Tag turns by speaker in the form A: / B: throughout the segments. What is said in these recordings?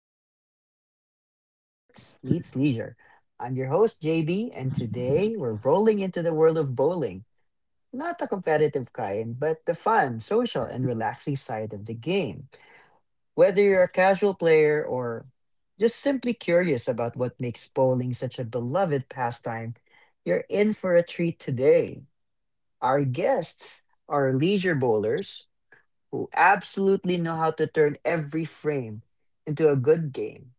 A: Chill, the podcast where sports meets leisure. I'm your host, JB, and today we're rolling into the world of bowling. Not the competitive kind, but the fun, social, and relaxing side of the game. Whether you're a casual player or just simply curious about what makes bowling such a beloved pastime, you're in for a treat today. Our guests are leisure bowlers who absolutely know how to turn every frame into a good game.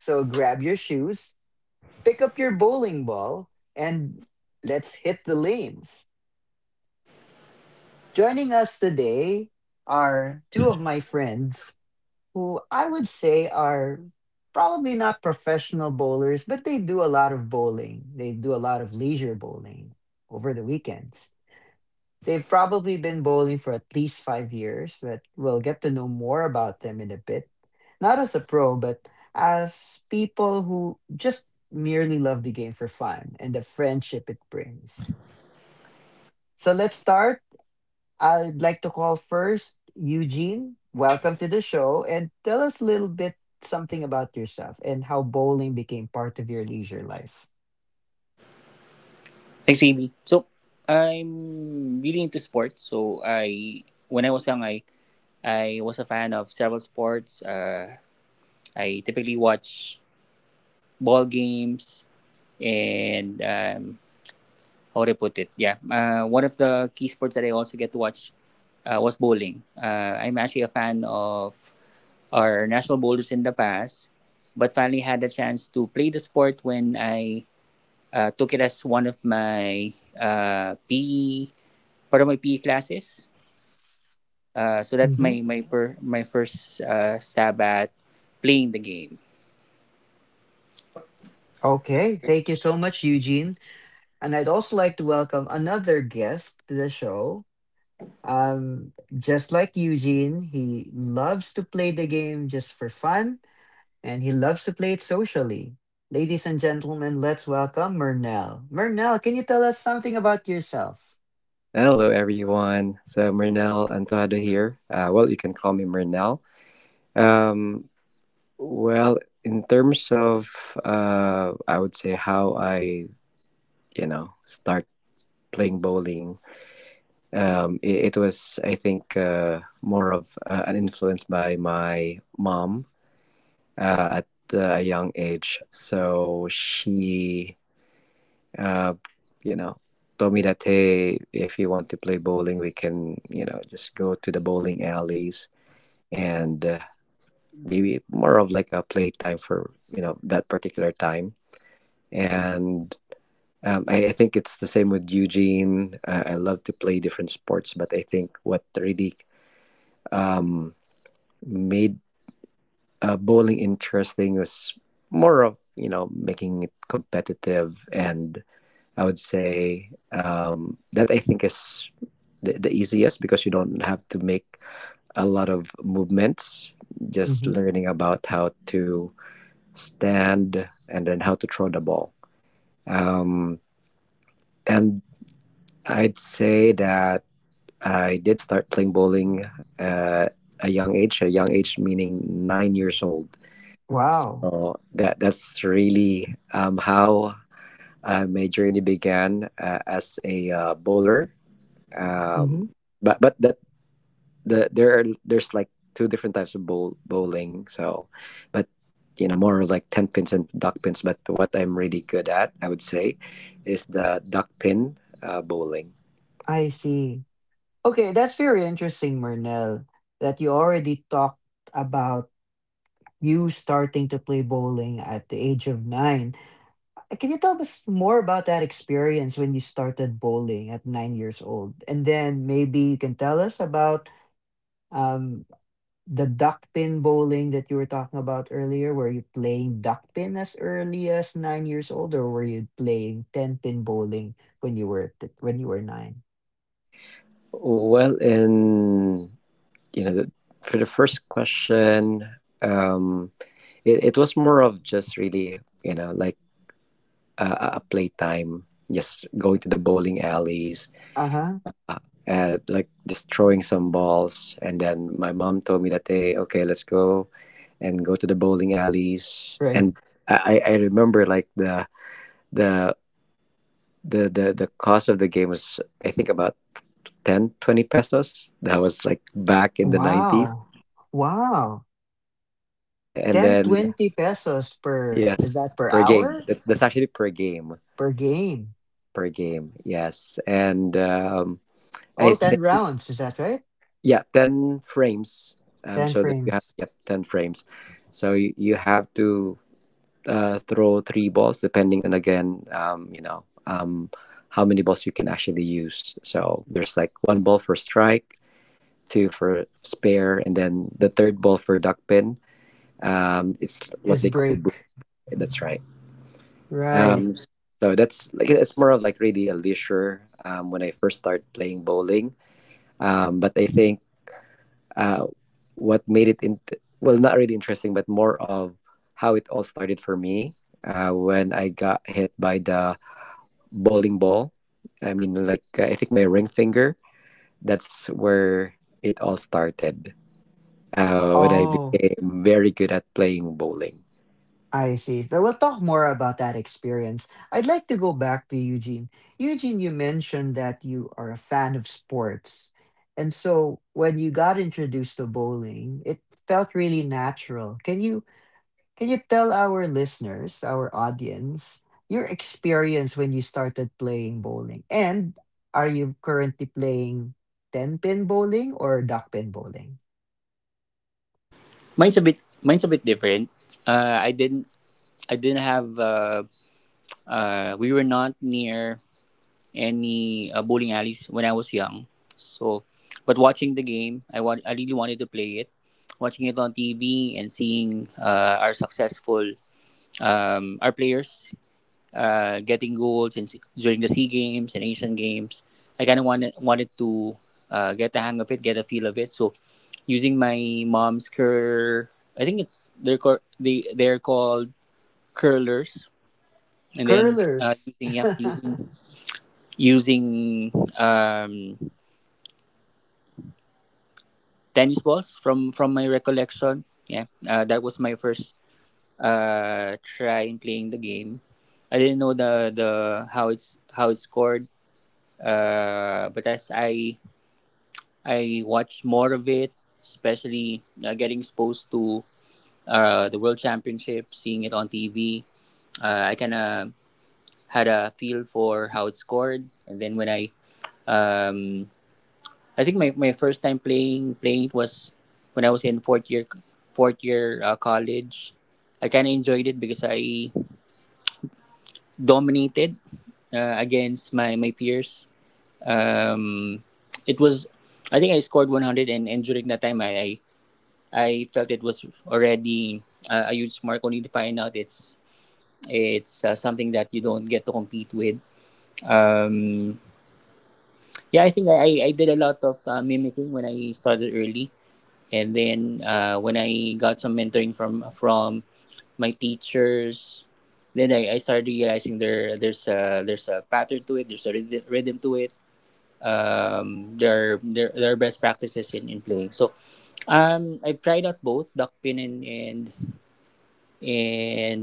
A: So grab your shoes, pick up your bowling ball, and let's hit the lanes. Joining us today are two of my friends who I would say are probably not professional bowlers, but they do a lot of bowling. They do a lot of leisure bowling over the weekends. They've probably been bowling for at least 5 years, but we'll get to know more about them in a bit. Not as a pro, but as people who just merely love the game for fun and the friendship it brings. So let's start. I'd like to call first Eugene. Welcome to the show and tell us a little bit something about yourself and how bowling became part of your leisure life.
B: Hi, Savvy. So, I'm really into sports. So, I when I was young, I was a fan of several sports. I typically watch ball games and how would I put it? Yeah, one of the key sports that I also get to watch was bowling. I'm actually a fan of our national bowlers in the past, but finally had the chance to play the sport when I took it as one of my PE, para my PE classes. So that's
A: Hmm.
B: my first stab at playing the game.
A: Okay, thank you so much, Eugene. And I'd also like to welcome another guest to the show. Just like Eugene, he loves to play the game just for fun, and he loves to play it socially. Ladies and gentlemen, let's welcome Murnell. Murnell, can you tell us something about yourself?
C: Hello, everyone. So, Mernel Antuado here. Well, you can call me Mernel. Um, well, in terms of, I would say how I start playing bowling. It was, I think, more of an influence by my mom, at a young age. So she, uh, you know, told me that, hey, if you want to play bowling, we can just go to the bowling alleys. And maybe more of like a playtime for that particular time. And I think it's the same with Eugene. I love to play different sports, but I think what really made, bowling interesting, was more of, making it competitive. And I would say, that I think is the easiest, because you don't have to make a lot of movements, just
A: Mm-hmm.
C: learning about how to stand, and then how to throw the ball. Um, and I'd say that I did start playing bowling at a young age meaning 9 years old.
A: Wow.
C: So that's really, how my journey began, as a bowler.
A: Mm-hmm.
C: Um, but that the there are there's like two different types of bowling. So, but more like ten pins and duck pins. But what I'm really good at, I would say, is the duck pin bowling.
A: I see. Okay, that's very interesting, Murnell, that you already talked about you starting to play bowling at the age of nine. Can you tell us more about that experience when you started bowling at 9 years old? And then maybe you can tell us about um, the duck pin bowling that you were talking about earlier. Were you playing duck pin as early as 9 years old, or were you playing ten pin bowling when you were nine?
C: Well, in you know the, for the first question, um, it was more of just really, like a playtime, just going to the bowling alleys,
A: Uh huh.
C: at like just throwing some balls. And then my mom told me that day, okay, let's go and go to the bowling alleys.
A: Right.
C: And I remember, like, the the cost of the game was, I think, about 10 to 20 pesos. That was like back in 90s.
A: Wow. Wow.
C: And
A: 10
C: then,
A: 20 pesos per, is
C: yes,
A: that per
C: per game.
A: hour?
C: That's actually per game.
A: Per game.
C: Per game. Yes. And I
A: All 10
C: think.
A: rounds, is that right?
C: Yeah, 10 frames.
A: 10
C: So that you have,
A: frames
C: yep, 10 frames. So you have to, throw three balls, depending on, again, how many balls you can actually use. So there's like one ball for strike, two for spare, and then the third ball for duck pin. It's what
A: is
C: they call.
A: break.
C: That's right.
A: Right.
C: um so that's like it's more of like really a leisure, when I first started playing bowling. But I think, uh, what made it into, well, not really interesting, but more of how it all started for me, when I got hit by the bowling ball. I mean, like, I think my ring finger, that's where it all started, when I
A: Oh,
C: became very good at playing bowling.
A: I see. So we'll talk more about that experience. I'd like to go back to Eugene. Eugene, you mentioned that you are a fan of sports. And so when you got introduced to bowling, it felt really natural. Can you tell our listeners, our audience, your experience when you started playing bowling? And are you currently playing 10 pin bowling or duck pin bowling?
B: Mine's a bit different. Uh, I didn't I didn't have we were not near any bowling alleys when I was young. So, but watching the game, I really wanted to play it. Watching it on TV and seeing our players getting goals in during the Sea Games and Asian Games. I kind of wanted to get the hang of it, get a feel of it. So, using my mom's I think it, they're called they're called curlers, and then
A: Curlers.
B: using using um, tennis balls from my recollection. Yeah, that was my first try in playing the game. I didn't know the how it's scored. But as I watch more of it, especially getting exposed to the World Championship, seeing it on TV, I kind of had a feel for how it's scored. And then when um, I think my first time playing it was when I was in fourth year college. I kind of enjoyed it because I dominated against my peers. Um, it was, I think I scored 100, and during that time, I felt it was already a huge mark. Only to find out it's something that you don't get to compete with. Um, yeah, I think I did a lot of mimicking when I started early, and then when I got some mentoring from my teachers. Then I started realizing there's a pattern to it, there's a rhythm to it. Their best practices in playing. So, I've tried out both duck pin and and,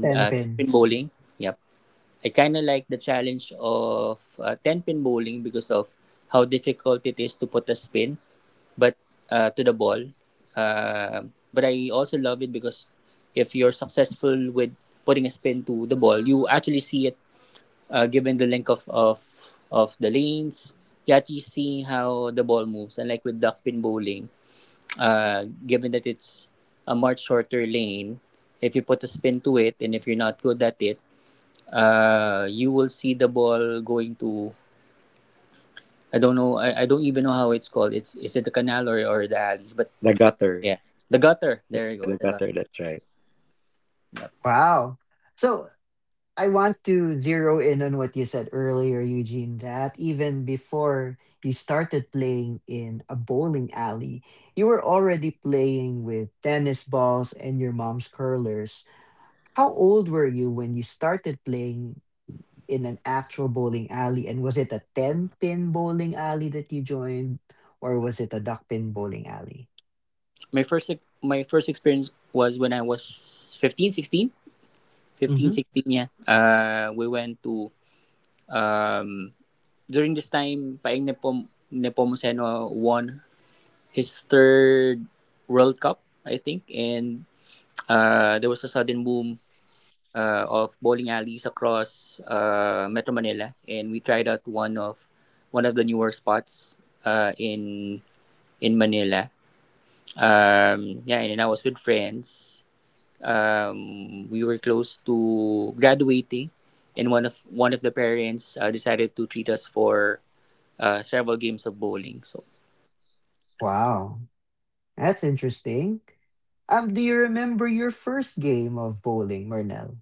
A: Ten
B: uh, ten
A: pin.
B: pin bowling. Yep, I kind of like the challenge of ten pin bowling because of how difficult it is to put a spin, but to the ball. But I also love it because if you're successful with putting a spin to the ball, you actually see it, given the length of, of the lanes, you're actually seeing how the ball moves. And like with duckpin bowling, given that it's a much shorter lane, if you put a spin to it and if you're not good at it, you will see the ball going to, I don't know, I don't even know how it's called. It's, is it the canal or the alleys? But
C: The gutter.
B: yeah, the gutter.
C: the,
B: There you go,
C: the
B: the gutter.
C: gutter, that's right.
A: Wow. So I want to zero in on what you said earlier, Eugene, that even before you started playing in a bowling alley, you were already playing with tennis balls and your mom's curlers. How old were you when you started playing in an actual bowling alley? And was it a 10 pin bowling alley that you joined, or was it a duck pin bowling alley?
B: My first experience was when I was 15, 16. 15
A: Hmm.
B: 16, yeah. We went to Um, During this time, Paing Nepomuceno won his third World Cup, I think, and there was a sudden boom of bowling alleys across Metro Manila, and we tried out one of the newer spots in Manila. Yeah, and then I was with friends. We were close to graduating, and one of the parents decided to treat us for several games of bowling. So.
A: Wow. That's interesting. Do you remember your first game of bowling, Marnell?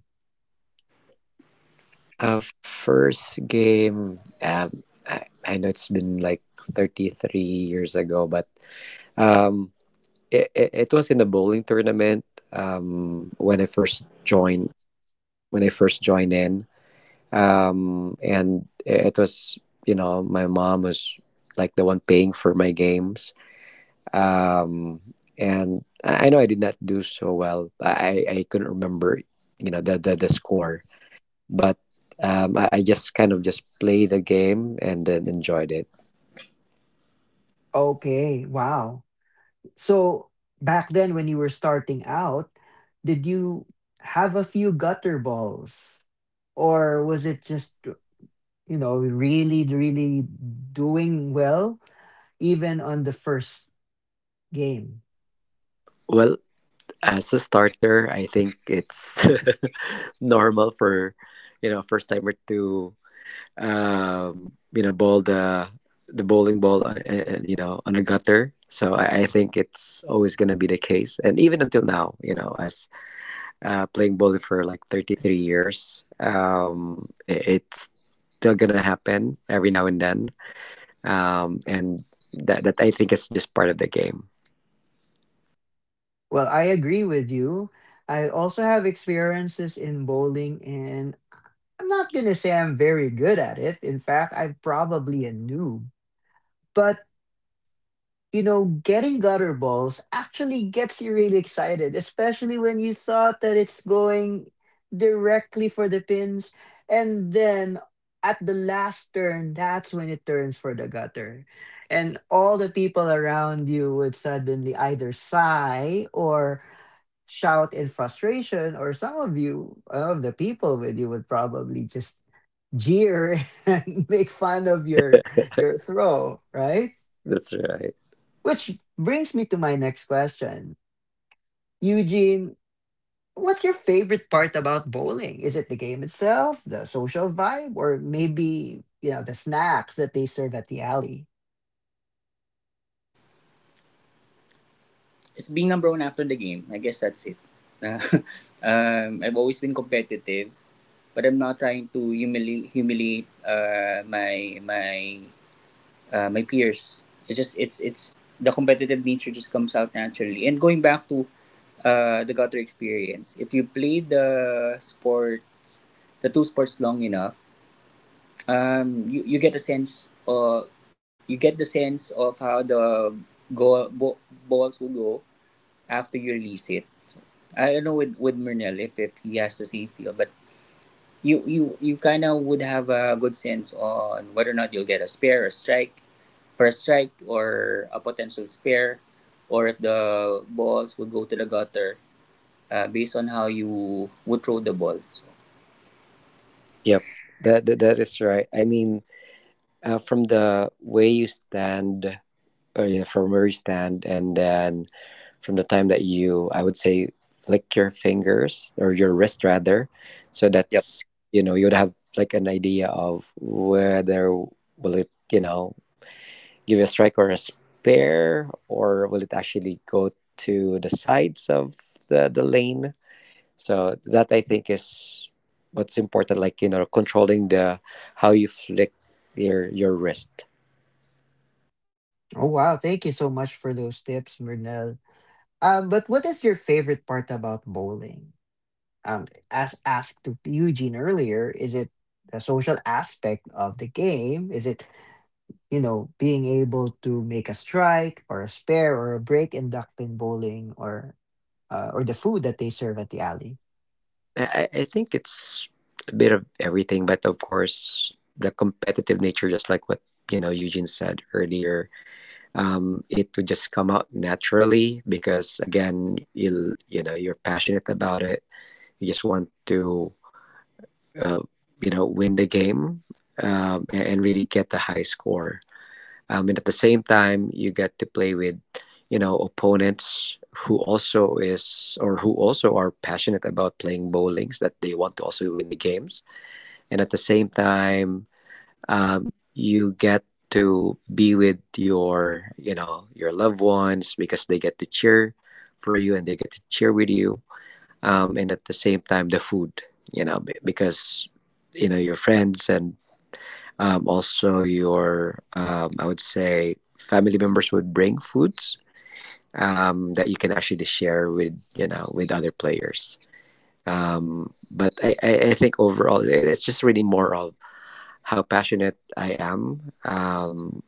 C: First game. um, I know it's been like 33 years ago, but um, it was in a bowling tournament, um, when I first joined when I first joined in. And it was, my mom was like the one paying for my games, um, and I know I did not do so well. I couldn't remember, the score, but I just kind of just played the game and then enjoyed it.
A: Okay, wow. So back then when you were starting out, did you have a few gutter balls? Or was it just, you know, really, really doing well even on the first game?
C: Well, as a starter, I think it's normal for, first timer to, bowl the bowling ball, on a gutter. So I think it's always going to be the case, and even until now, you know, as playing bowling for like 33 years, it's still going to happen every now and then, and that I think is just part of the game.
A: Well, I agree with you. I also have experiences in bowling, and I'm not going to say I'm very good at it. In fact, I'm probably a noob. But you know, getting gutter balls actually gets you really excited, especially when you thought that it's going directly for the pins. And then at the last turn, that's when it turns for the gutter. And all the people around you would suddenly either sigh or shout in frustration, or some of you, of the people with you, would probably just jeer and make fun of your throw, right?
C: That's right.
A: Which brings me to my next question. Eugene, what's your favorite part about bowling? Is it the game itself, the social vibe, or maybe, you know, the snacks that they serve at the alley?
B: It's being number one after the game. I guess that's it. Na- I've always been competitive, but I'm not trying to humiliate my peers. It's just it's the competitive nature just comes out naturally. And going back to the gutter experience, if you play the two sports long enough, you get a sense, or you get the sense of how the goal bo- balls will go after you release it. So, I don't know with Murnell if he has the same feel, but you kind of would have a good sense on whether or not you'll get a spare, a strike, or a potential spare, or if the balls would go to the gutter based on how you would throw the ball. So.
C: Yep. That is right. I mean, from the way you stand, or yeah, from where you stand, and then from the time that you, I would say, flick your fingers, or your wrist rather, so
B: Yep.
C: that's, you would have like an idea of whether will it, give you a strike or a spare, or will it actually go to the sides of the lane. So that I think is what's important, like, controlling the, how you flick your wrist.
A: Oh, wow. Thank you so much for those tips, Murnell. But what is your favorite part about bowling? As asked to Eugene earlier, is it the social aspect of the game? Is it, you know, being able to make a strike or a spare or a break in duck pin bowling? Or the food that they serve at the alley.
C: I think it's a bit of everything, but of course, the competitive nature, just like what, Eugene said earlier, it would just come out naturally because, again, you know you're passionate about it. You just want to, uh, win the game, and really get the high score, and at the same time you get to play with, opponents, who also is or who also are passionate about playing bowlings, that they want to also win the games. And at the same time, you get to be with your you know your loved ones, because they get to cheer for you and they get to cheer with you, and at the same time the food, because, your friends and, also, your, I would say, family members would bring foods, that you can actually share with, with other players. But I think overall it's just really more of how passionate I am, um,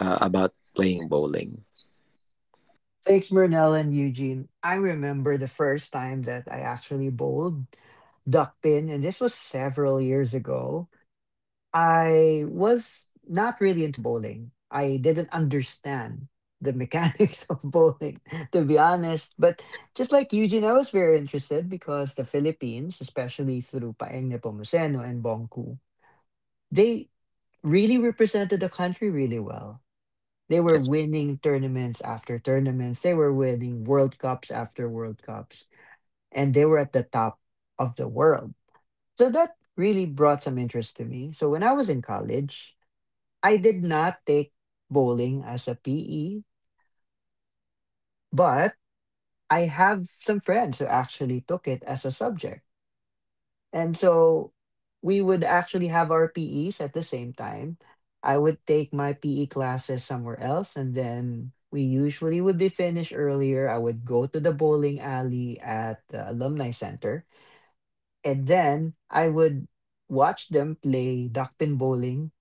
C: uh, about playing bowling.
A: Thanks, Murnell and Eugene. I remember the first time that I actually bowled duck pin, and this was several years ago. I was not really into bowling. I didn't understand the mechanics of bowling, to be honest. But just like Eugene, I was very interested because the Philippines, especially through Paeng Nepomuceno and Bongku, they really represented the country really well. They were
C: That's
A: winning tournaments after tournaments. They were winning World Cups after World Cups. And they were at the top of the world. So that really brought some interest to me. So when I was in college, I did not take bowling as a PE, but I have some friends who actually took it as a subject. And so we would actually have our PEs at the same time. I would take my PE classes somewhere else, and then we usually would be finished earlier. I would go to the bowling alley at the alumni center, and then I would watch them play duckpin bowling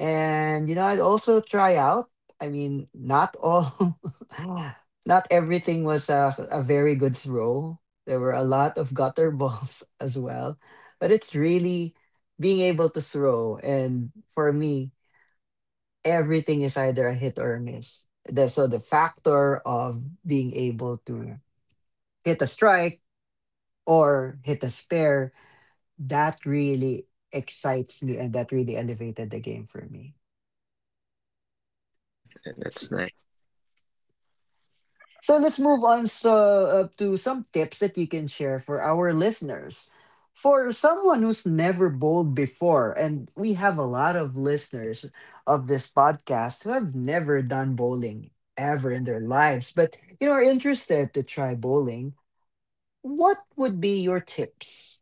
A: and, you know, I'd also try out. I mean, not all, not everything was a, very good throw. There were a lot of gutter balls as well, but it's really being able to throw. And for me, everything is either a hit or a miss. So the factor of being able to hit a strike or hit a spare, that really excites me and that really elevated the game for me.
C: that's nice.
A: So let's move on so, to some tips that you can share for our listeners. For someone who's never bowled before, and we have a lot of listeners of this podcast who have never done bowling ever in their lives, but you know are interested to try bowling, what would be your tips?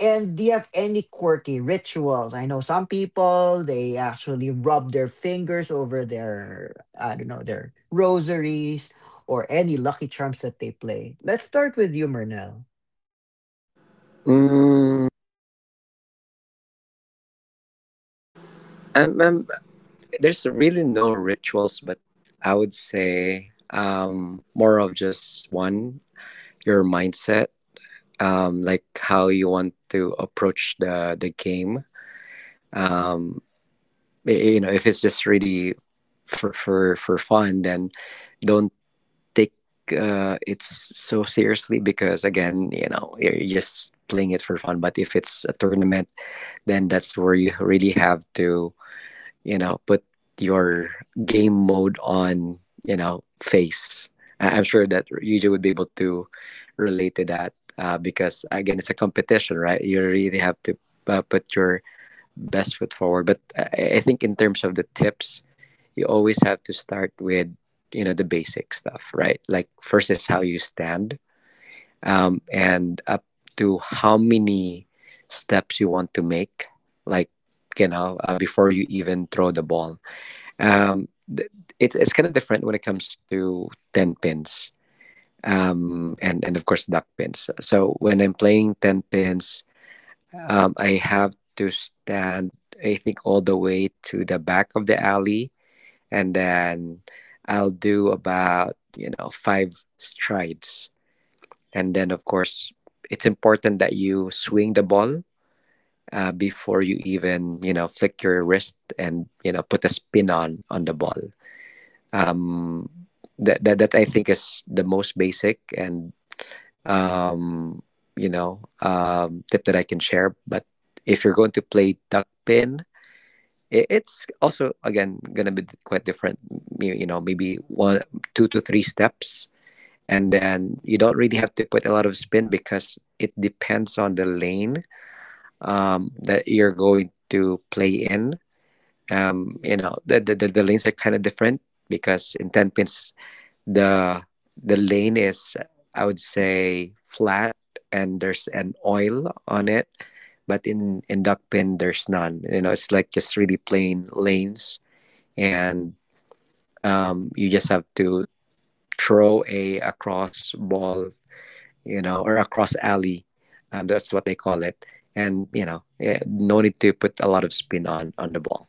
A: And do you have any quirky rituals? I know some people they actually rub their fingers over their, I don't know, their rosaries or any lucky charms that they play. Let's start with you, Murnell.
C: Mm, I'm, I'm, there's really no rituals, but I would say, more of just one, your mindset, like how you want to approach the game. Um, you know, if it's just really for fun, then don't take, it so seriously, because, again, you know, you're just playing it for fun. But if it's a tournament, then that's where you really have to, put your game mode on, you know, face. I'm sure that Yuji would be able to relate to that, because, again, it's a competition, right? You really have to, put your best foot forward. But I think in terms of the tips, you always have to start with, you know, the basic stuff, right? Like, first is how you stand, and up to how many steps you want to make, like, you know, before you even throw the ball. um, th- it's kind of different when it comes to ten pins, and of course duck pins. So when I'm playing ten pins, I have to stand, I think, all the way to the back of the alley, and then I'll do about, five strides, and then, of course, it's important that you swing the ball, before you even, flick your wrist and, put a spin on the ball, um, that I think is the most basic and, um, tip that I can share. But if you're going to play duck pin, it's also, again, gonna be quite different. You know, maybe one, two to three steps, and then you don't really have to put a lot of spin, because it depends on the lane, that you're going to play in. You know, the lanes are kind of different, because in ten pins the the lane is, I would say, flat, and there's an oil on it, but in duckpin there's none. It's like just really plain lanes. And you just have to throw a cross ball, or a cross alley, that's what they call it. And, no need to put a lot of spin on the ball.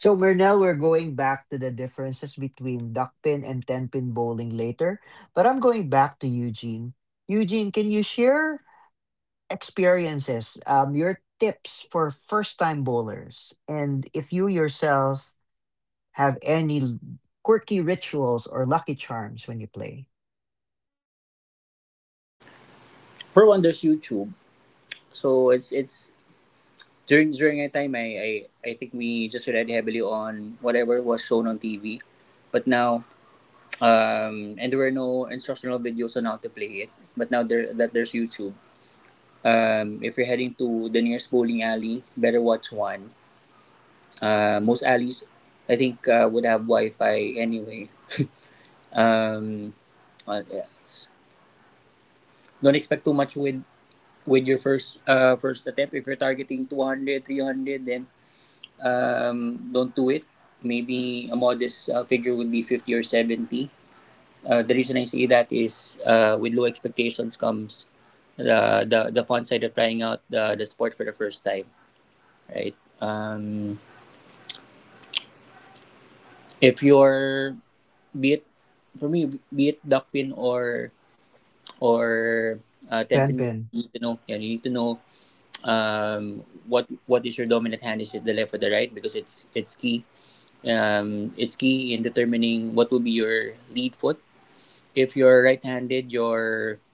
A: So Murnell, we're going back to the differences between duck pin and ten pin bowling later, but I'm going back to Eugene. Eugene, can you share experiences, your tips for first time bowlers, and if you yourself have any quirky rituals or lucky charms when you play?
B: For Wonders YouTube. So it's during that time, I think we just relied heavily on whatever was shown on TV, but now, and there were no instructional videos on how to play it, but now there that there's YouTube. If you're heading to the nearest bowling alley, better watch one. Most alleys, I think, would have Wi-Fi anyway. um what else? Don't expect too much with your first first attempt. If you're targeting 200, 300, then don't do it. Maybe a modest figure would be 50 or 70. The reason I say that is with low expectations comes the fun side of trying out the sport for the first time, right? Um, if you're, be it, for me, be it duck pin or 10 pin,
A: Tenpin,
B: you need to know. Yeah, you need to know what is your dominant hand? Is it the left or the right? Because it's key in determining what will be your lead foot. If you're right-handed,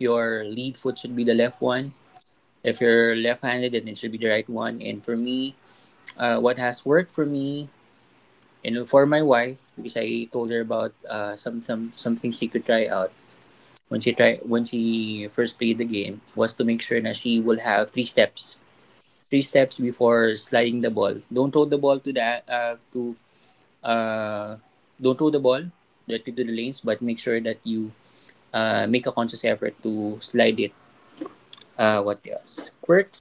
B: your lead foot should be the left one. If you're left-handed, then it should be the right one. And for me, what has worked for me and for my wife, because I told her about some things she could try out, when she first played the game, was to make sure that she will have three steps before sliding the ball. Don't throw the ball to that to uh, don't throw the ball directly to the lanes, but make sure that you make a conscious effort to slide it. What else? Quirks?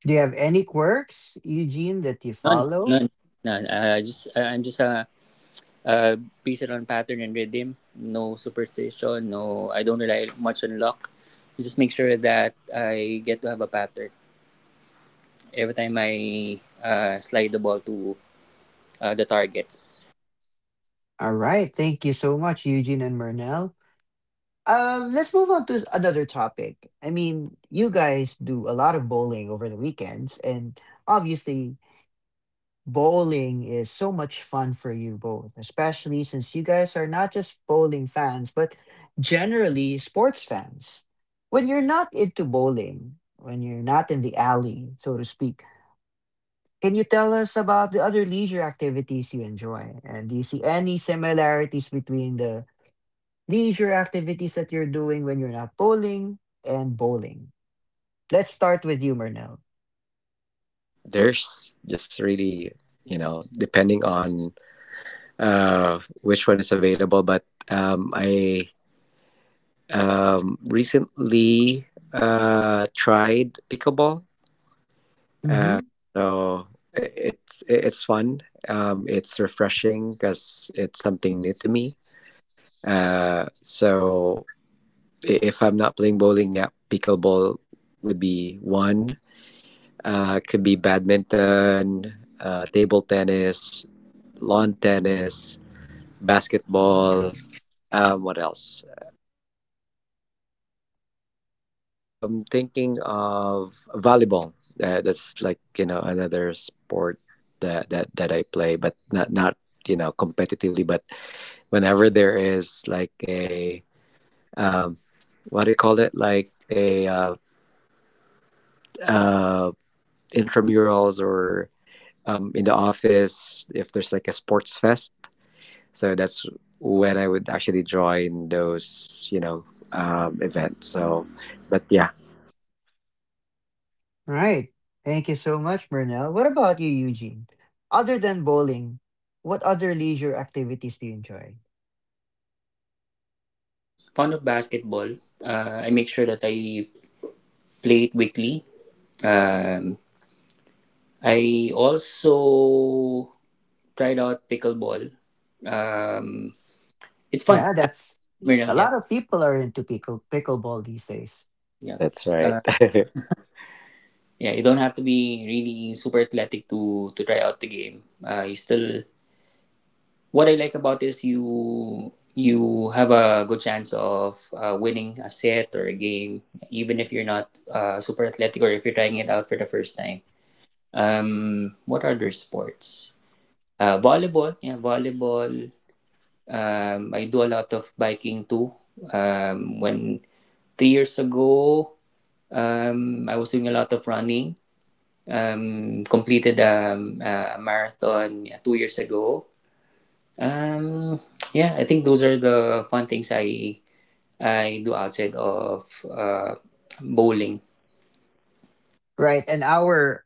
A: do you have any quirks, Eugene, that you
B: None,
A: follow?
B: none, none. Just I'm just uh, based on pattern and rhythm. No superstition. No, I don't rely much on luck. Just make sure that I get to have a pattern every time I slide the ball to the targets.
A: All right, thank you so much, Eugene and Murnell. Let's move on to another topic. I mean, you guys do a lot of bowling over the weekends, and obviously bowling is so much fun for you both, especially since you guys are not just bowling fans, but generally sports fans. When you're not into bowling, when you're not in the alley, so to speak, can you tell us about the other leisure activities you enjoy? And do you see any similarities between the leisure activities that you're doing when you're not bowling and bowling? Let's start with you, Murnell.
C: There's just really, depending on, which one is available. But I, recently, tried pickleball, uh, so it's fun. It's refreshing because it's something new to me. So if I'm not playing bowling, yeah, pickleball would be one. Could be badminton, table tennis, lawn tennis, basketball. What else? Thinking of volleyball. That's, like, another sport that I play, but not, competitively. But whenever there is like a, um, what do you call it? Like a, uh, intramurals, or, in the office if there's like a sports fest. So that's when I would actually join those, events. So, but yeah.
A: Right. Thank you so much, Murnell. What about you, Eugene? Other than bowling, what other leisure activities do you enjoy?
B: Fond of basketball. I make sure that I play it weekly. Um, I also tried out pickleball. Um, it's fun.
A: Yeah,
B: I
A: that's, a
B: Yeah,
A: lot of people are into pickleball these days.
B: yeah,
C: That's right.
B: uh, yeah. You don't have to be really super athletic to try out the game. You still. What I like about this, you have a good chance of winning a set or a game, even if you're not super athletic or if you're trying it out for the first time. What other sports? Volleyball, yeah, volleyball. I do a lot of biking too. When 3 years ago, I was doing a lot of running. Completed, a marathon, yeah, 2 years ago. Um, yeah, I think those are the fun things I do outside of bowling.
A: Right. And our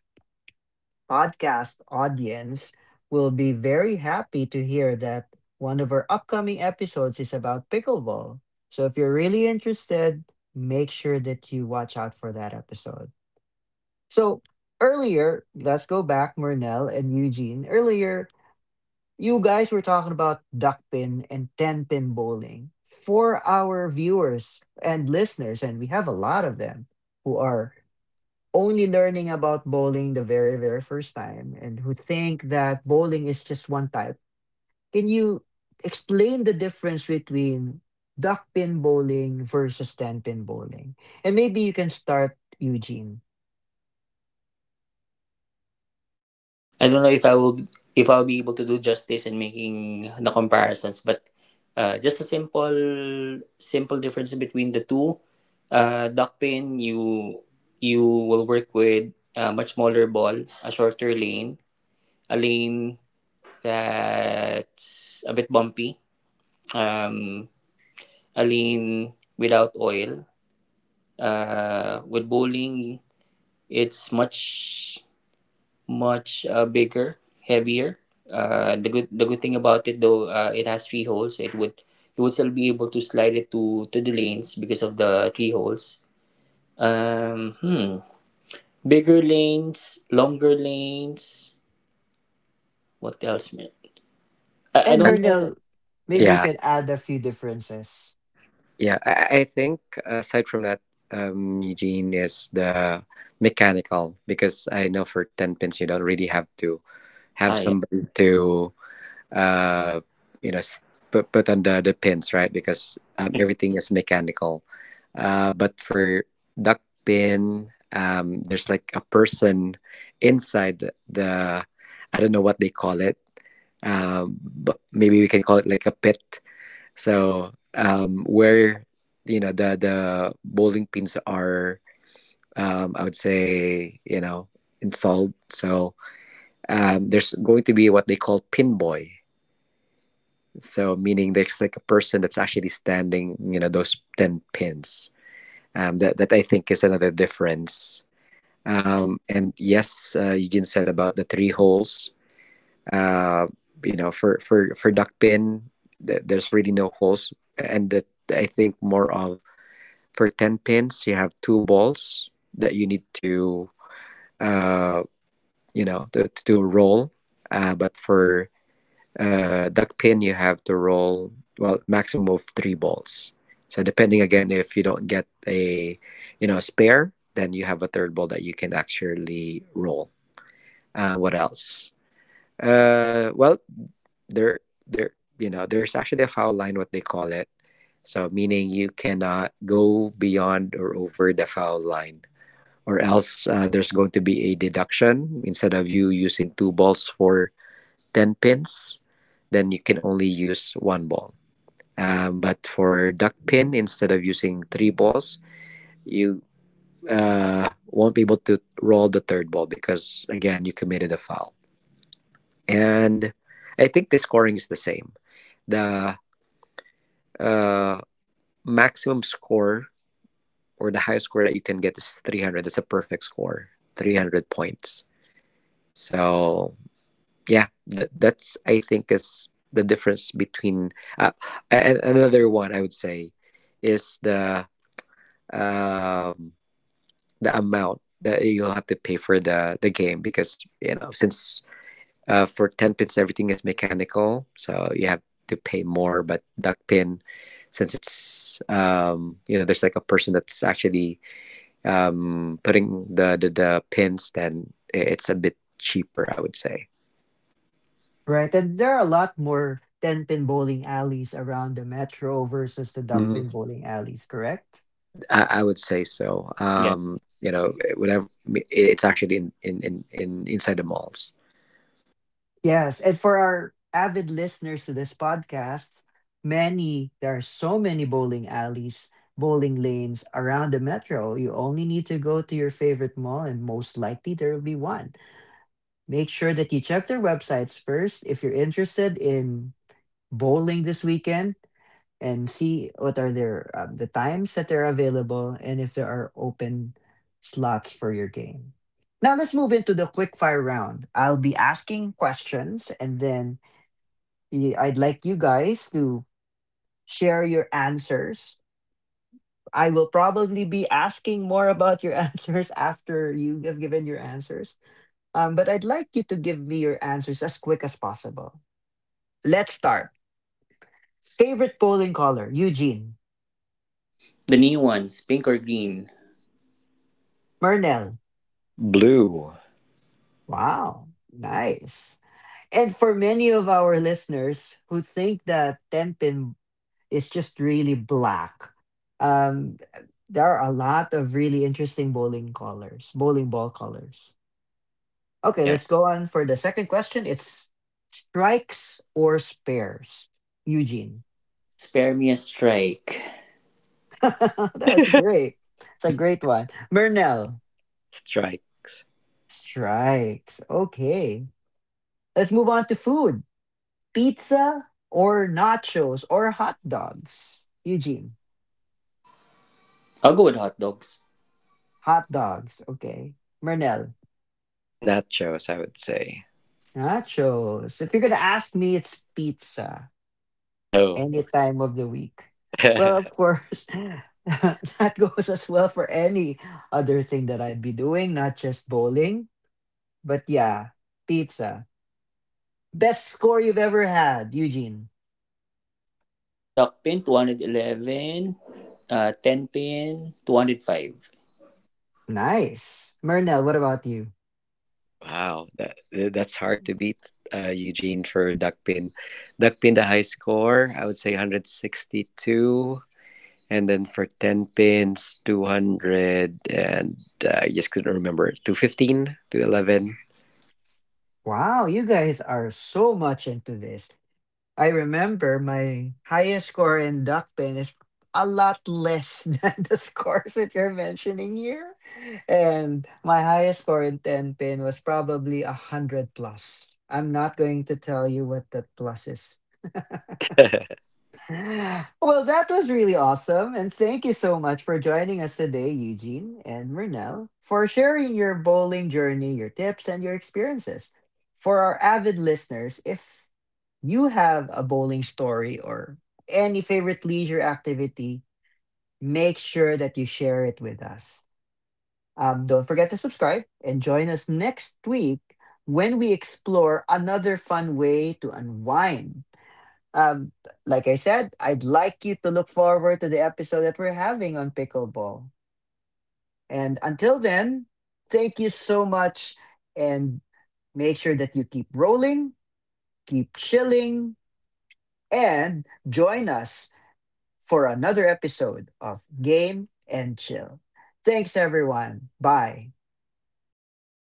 A: podcast audience will be very happy to hear that one of our upcoming episodes is about pickleball. So if you're really interested, make sure that you watch out for that episode. So earlier, let's go back, Murnell and Eugene. Earlier, you guys were talking about duck pin and 10 pin bowling for our viewers and listeners, and we have a lot of them who are only learning about bowling the very, very first time and who think that bowling is just one type. Can you explain the difference between duck pin bowling versus 10 pin bowling? And maybe you can start, Eugene.
B: I don't know if I'll be able to do justice in making the comparisons, but just a simple difference between the two. Duck pin, you will work with a much smaller ball, a shorter lane, a lane that's a bit bumpy, um, a lane without oil. With bowling, it's much bigger, heavier. The good thing about it though, it has three holes, so it would you would still be able to slide it to the lanes because of the three holes. Hmm. Bigger lanes, longer lanes. What else, man? I
A: And
C: Uh,
B: don't know.
A: Bernal,
B: Yeah.
A: maybe you
C: yeah.
A: can add a few differences.
C: Yeah, I think aside from that, Eugene is the mechanical, because I know for ten pins you don't really have to have
B: Ah, yeah.
C: somebody to, uh, you know s- put on the pins, right? Because everything is mechanical. But for duck pin, there's like a person inside the, I don't know what they call it, but maybe we can call it like a pit. So where, the bowling pins are, I would say, installed. So there's going to be what they call pin boy. So meaning there's like a person that's actually standing, you know, those ten pins. That I think is another difference. And yes, Eugene said about the three holes. Uh, you know, for duck pin, there's really no holes, and that I think more of, for 10 pins you have two balls that you need to, uh, to roll, but for, duck pin you have to roll, well, maximum of three balls, so depending, again, if you don't get a, a spare, then you have a third ball that you can actually roll. What else? Well, there there there's actually a foul line, what they call it. So meaning you cannot go beyond or over the foul line, or else, there's going to be a deduction. Instead of you using two balls for 10 pins, then you can only use one ball. But for duck pin, instead of using three balls, you, won't be able to roll the third ball, because, again, you committed a foul. And I think the scoring is the same. The, uh, maximum score, or the highest score that you can get, is 300. That's a perfect score, 300 points. So yeah, that's I think is the difference between, uh, and another one I would say is the, um the amount that you'll have to pay for the game, because, since, for 10 pins everything is mechanical, so you have to pay more. But duck pin, since it's, there's like a person that's actually, putting the pins, then it's a bit cheaper, I would say.
A: Right, and there are a lot more 10-pin bowling alleys around the metro versus the duck-pin bowling alleys, correct?
C: I would say so.
B: Yeah.
C: You know, eh, whatever. It's actually in inside the malls.
A: Yes, and for our avid listeners to this podcast, many, there are so many bowling alleys, bowling lanes around the metro. You only need to go to your favorite mall, and most likely there will be one. Make sure that you check their websites first if you're interested in bowling this weekend, and see what are their, the times that they're available and if there are open slots for your game. Now let's move into the quick fire round. I'll be asking questions and then I'd like you guys to share your answers. I will probably be asking more about your answers after you have given your answers. But I'd like you to give me your answers as quick as possible. Let's start. Favorite polling color, Eugene.
B: The new ones, pink or green.
A: Mernell.
C: Blue,
A: Wow, nice. And for many of our listeners who think that tenpin is just really black, um, there are a lot of really interesting bowling colors, bowling ball colors. Okay,
C: yeah.
A: let's go on for the second question. It's strikes or spares, Eugene.
B: Spare me a strike.
A: That's great. It's a great one. Murnell,
C: Strikes.
A: strikes. Okay, let's move on to food. Pizza or nachos or hot dogs? Eugene,
B: I'll go with hot dogs.
A: hot dogs. Okay. Mernel,
C: Nachos, I would say.
A: nachos. If you're going to ask me, it's pizza
C: Oh,
A: any time of the week. Well, of course, that goes as well for any other thing that I'd be doing, not just bowling. But yeah, pizza. Best score you've ever had, Eugene.
B: Duck pin, 211. 10 pin, 205.
A: Nice. Mernel, what about you?
C: wow, that's hard to beat, Eugene, for duckpin. Duckpin, the high score, I would say, 162. And then for ten pins, 200, and I just couldn't remember, 215, 211.
A: Wow, you guys are so much into this. I remember my highest score in duckpin is a lot less than the scores that you're mentioning here. And my highest score in 10 pin was probably a 100 plus. I'm not going to tell you what that plus is. Well, that was really awesome. And thank you so much for joining us today, Eugene and Murnell, for sharing your bowling journey, your tips, and your experiences. For our avid listeners, if you have a bowling story or any favorite leisure activity, make sure that you share it with us. Don't forget to subscribe and join us next week when we explore another fun way to unwind. Um, like I said, I'd like you to look forward to the episode that we're having on pickleball. And until then, thank you so much and make sure that you keep rolling, keep chilling, and join us for another episode of Game and Chill. Thanks, everyone. Bye.